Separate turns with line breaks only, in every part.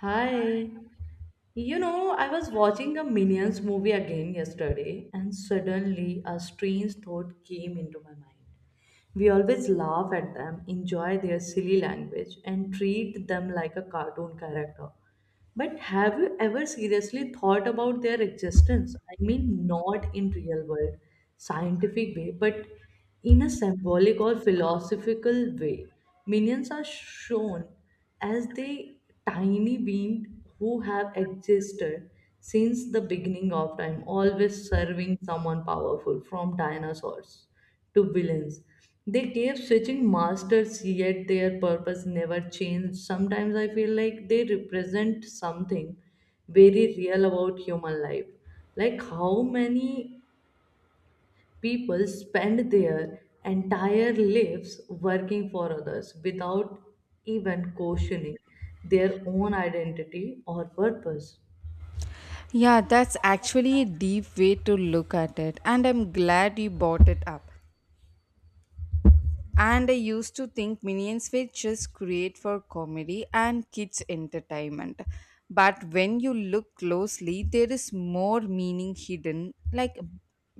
Hi. You know, I was watching a Minions movie again yesterday, and suddenly a strange thought came into my mind. We always laugh at them, enjoy their silly language, and treat them like a cartoon character. But have you ever seriously thought about their existence? I mean, not in real world, scientific way, but in a symbolic or philosophical way. Minions are shown as the tiny being who have existed since the beginning of time, always serving someone powerful, from dinosaurs to villains. They kept switching masters, yet their purpose never changed. Sometimes I feel like they represent something very real about human life. Like how many people spend their entire lives working for others without even questioning their own identity or purpose.
Yeah, that's actually a deep way to look at it, and I'm glad you brought it up. And I used to think minions were just great for comedy and kids' entertainment. But when you look closely, there is more meaning hidden, like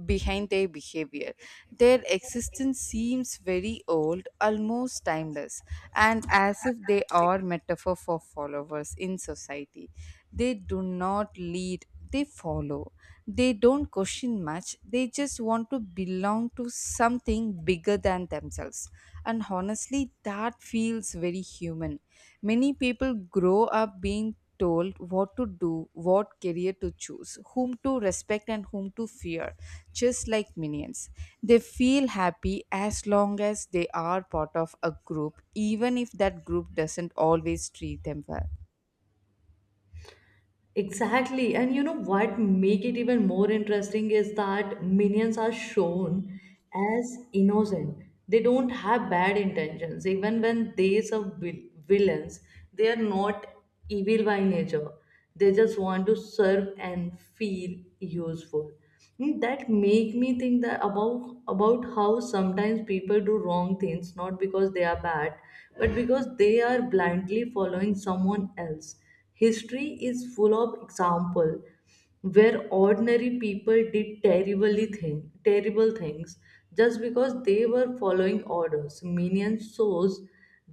behind their behavior. Their existence seems very old, almost timeless, and as if they are metaphor for followers in society. They do not lead, they follow. They don't question much, they just want to belong to something bigger than themselves. And honestly, that feels very human. Many people grow up being told what to do, what career to choose, whom to respect, and whom to fear, just like minions. They feel happy as long as they are part of a group, even if that group doesn't always treat them well.
Exactly. And you know what make it even more interesting is that minions are shown as innocent. They don't have bad intentions. Even when they are villains, they are not evil by nature. They just want to serve and feel useful. Hmm, that make me think that about how sometimes people do wrong things not because they are bad, but because they are blindly following someone else. History is full of example where ordinary people did terrible things just because they were following orders. Minions shows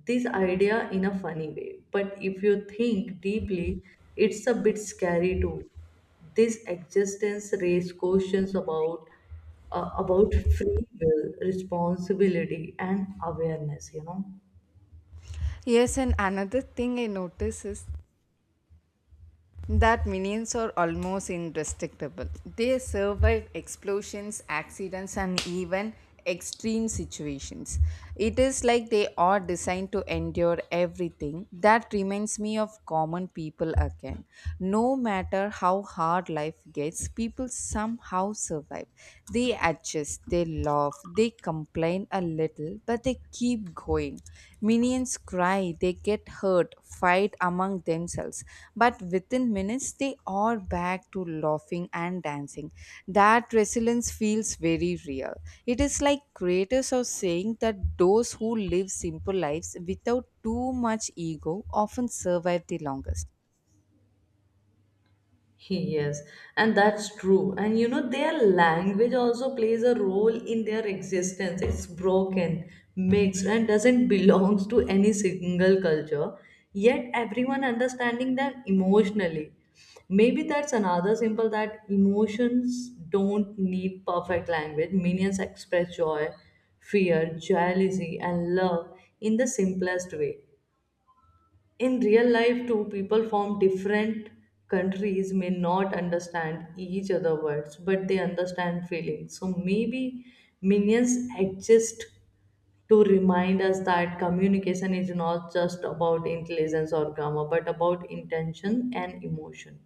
this idea in a funny way, but if you think deeply, it's a bit scary too. This existence raises questions about free will, responsibility, and awareness, you know.
Yes, and another thing I notice is that minions are almost indestructible. They survive explosions, accidents, and even extreme situations. It is like they are designed to endure everything. That reminds me of common people again. No matter how hard life gets, people somehow survive. They adjust, they laugh, they complain a little, but they keep going. Minions cry, they get hurt, fight among themselves, but within minutes they are back to laughing and dancing. That resilience feels very real. It is like creators are saying that those who live simple lives without too much ego often survive the longest.
Yes, and that's true. And you know, their language also plays a role in their existence. It's broken, mixed, and doesn't belong to any single culture. Yet everyone understanding them emotionally. Maybe that's another symbol that emotions don't need perfect language. Minions express joy, fear, jealousy, and love in the simplest way. In real life too, people from different countries may not understand each other words, but they understand feelings. So maybe minions exist to remind us that communication is not just about intelligence or grammar, but about intention and emotion.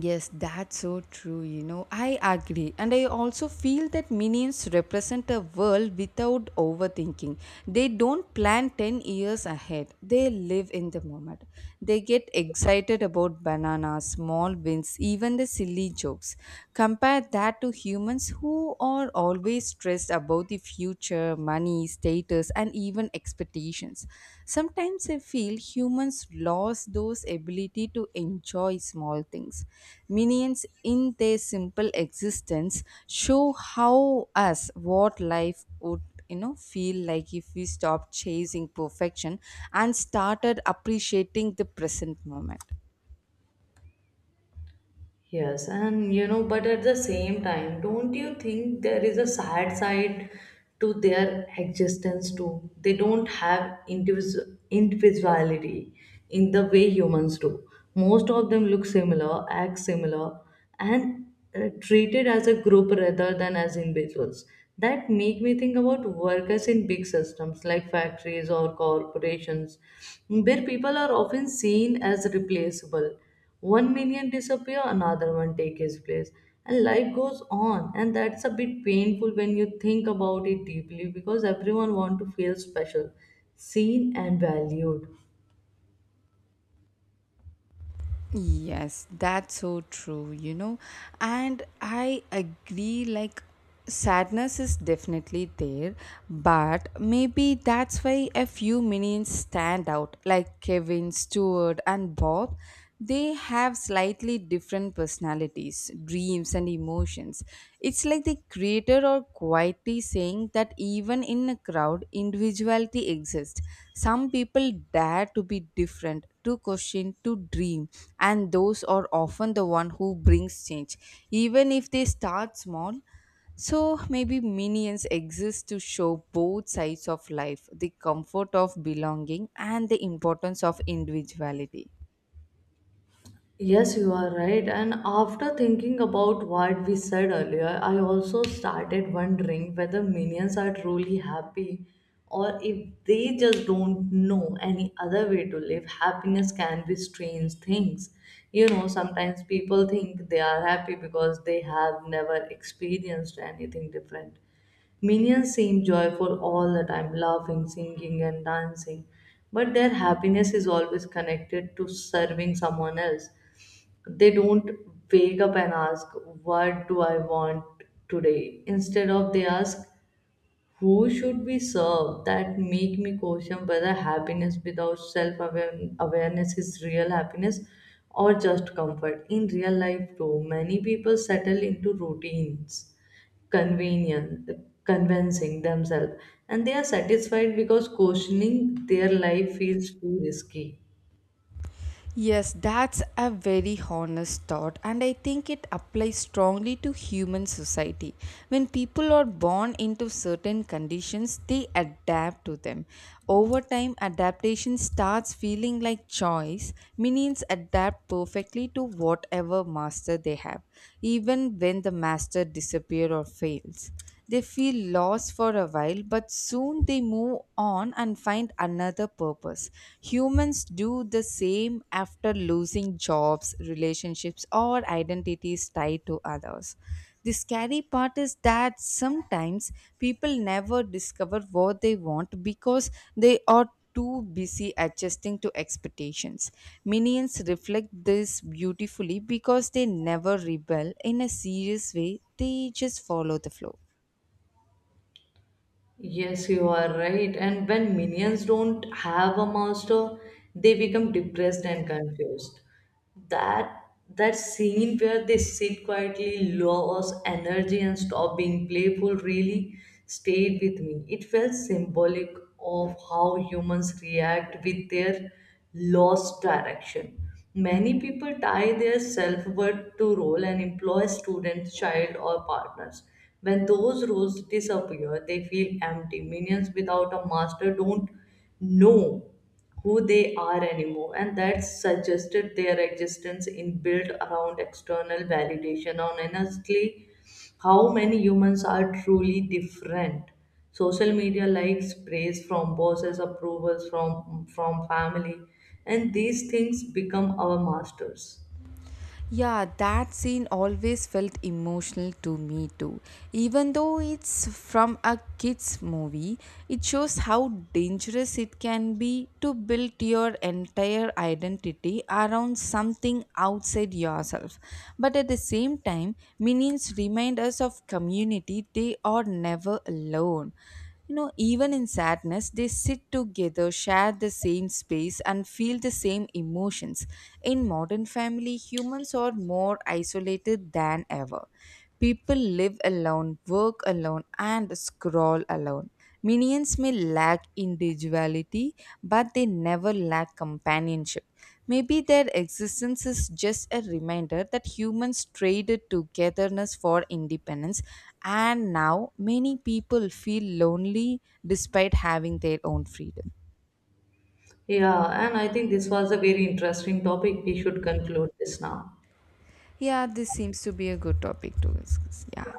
Yes, that's so true. You know, I agree. And I also feel that minions represent a world without overthinking. They don't plan 10 years ahead, they live in the moment. They get excited about bananas, small wins, even the silly jokes. Compare that to humans who are always stressed about the future career, money, status, and even expectations. Sometimes I feel humans lost those ability to enjoy small things. Minions in their simple existence show how us what life would feel like if we stopped chasing perfection and started appreciating the present moment.
Yes, and you know, but at the same time, don't you think there is a sad side to their existence too? They don't have individuality in the way humans do. Most of them look similar, act similar, and treated as a group rather than as individuals. That make me think about workers in big systems like factories or corporations, where people are often seen as replaceable. One minion disappear, another one take his place, and life goes on. And that's a bit painful when you think about it deeply, because everyone want to feel special, seen and valued.
Yes, that's so true, you know. And I agree, like, sadness is definitely there, but maybe that's why a few minions stand out, like Kevin, Stuart, and Bob. They have slightly different personalities, dreams, and emotions. It's like the creator or quietly saying that even in a crowd, individuality exists. Some people dare to be different, to question, to dream, and those are often the one who brings change, even if they start small. So maybe minions exist to show both sides of life the comfort of belonging and the importance of individuality.
Yes, you are right. And after thinking about what we said earlier, I also started wondering whether minions are truly happy or if they just don't know any other way to live. Happiness can be strange things. You know, sometimes people think they are happy because they have never experienced anything different. Minions seem joyful all the time, laughing, singing, and dancing, but their happiness is always connected to serving someone else. They don't wake up and ask, what do I want today? Instead of they ask, who should we serve? That make me question whether happiness without self awareness is real happiness or just comfort. In real life too, many people settle into routines, convenient convincing themselves, and they are satisfied because questioning their life feels too risky.
Yes, that's a very honest thought, and I think it applies strongly to human society. When people are born into certain conditions, they adapt to them. Over time, adaptation starts feeling like choice. Minions adapt perfectly to whatever master they have, even when the master disappears or fails. They feel lost for a while, but soon they move on and find another purpose. Humans do the same after losing jobs, relationships, or identities tied to others. The scary part is that sometimes people never discover what they want because they are too busy adjusting to expectations. Minions reflect this beautifully because they never rebel in a serious way, they just follow the flow.
Yes, you are right. And when minions don't have a master, they become depressed and confused. That that scene where they sit quietly, lose energy and stop being playful really stayed with me. It felt symbolic of how humans react with their lost direction. Many people tie their self worth to role and employ students, child, or partners. When those roles disappear, they feel empty. Minions without a master don't know who they are anymore, and that suggested their existence in built around external validation. And honestly, how many humans are truly different? Social media likes, praise from bosses, approvals from family, and these things become our masters.
Yeah, that scene always felt emotional to me too. Even though it's from a kids movie, it shows how dangerous it can be to build your entire identity around something outside yourself. But at the same time, minions remind us of community, they are never alone. You know, even in sadness, they sit together, share the same space, and feel the same emotions in modern family, humans are more isolated than ever. People live alone, work alone, and scroll alone. Minions may lack individuality, but they never lack companionship. Maybe their existence is just a reminder that humans traded togetherness for independence, and now many people feel lonely despite having their own freedom.
Yeah, and I think this was a very interesting topic. We should conclude this now.
Yeah, this seems to be a good topic to discuss. Yeah.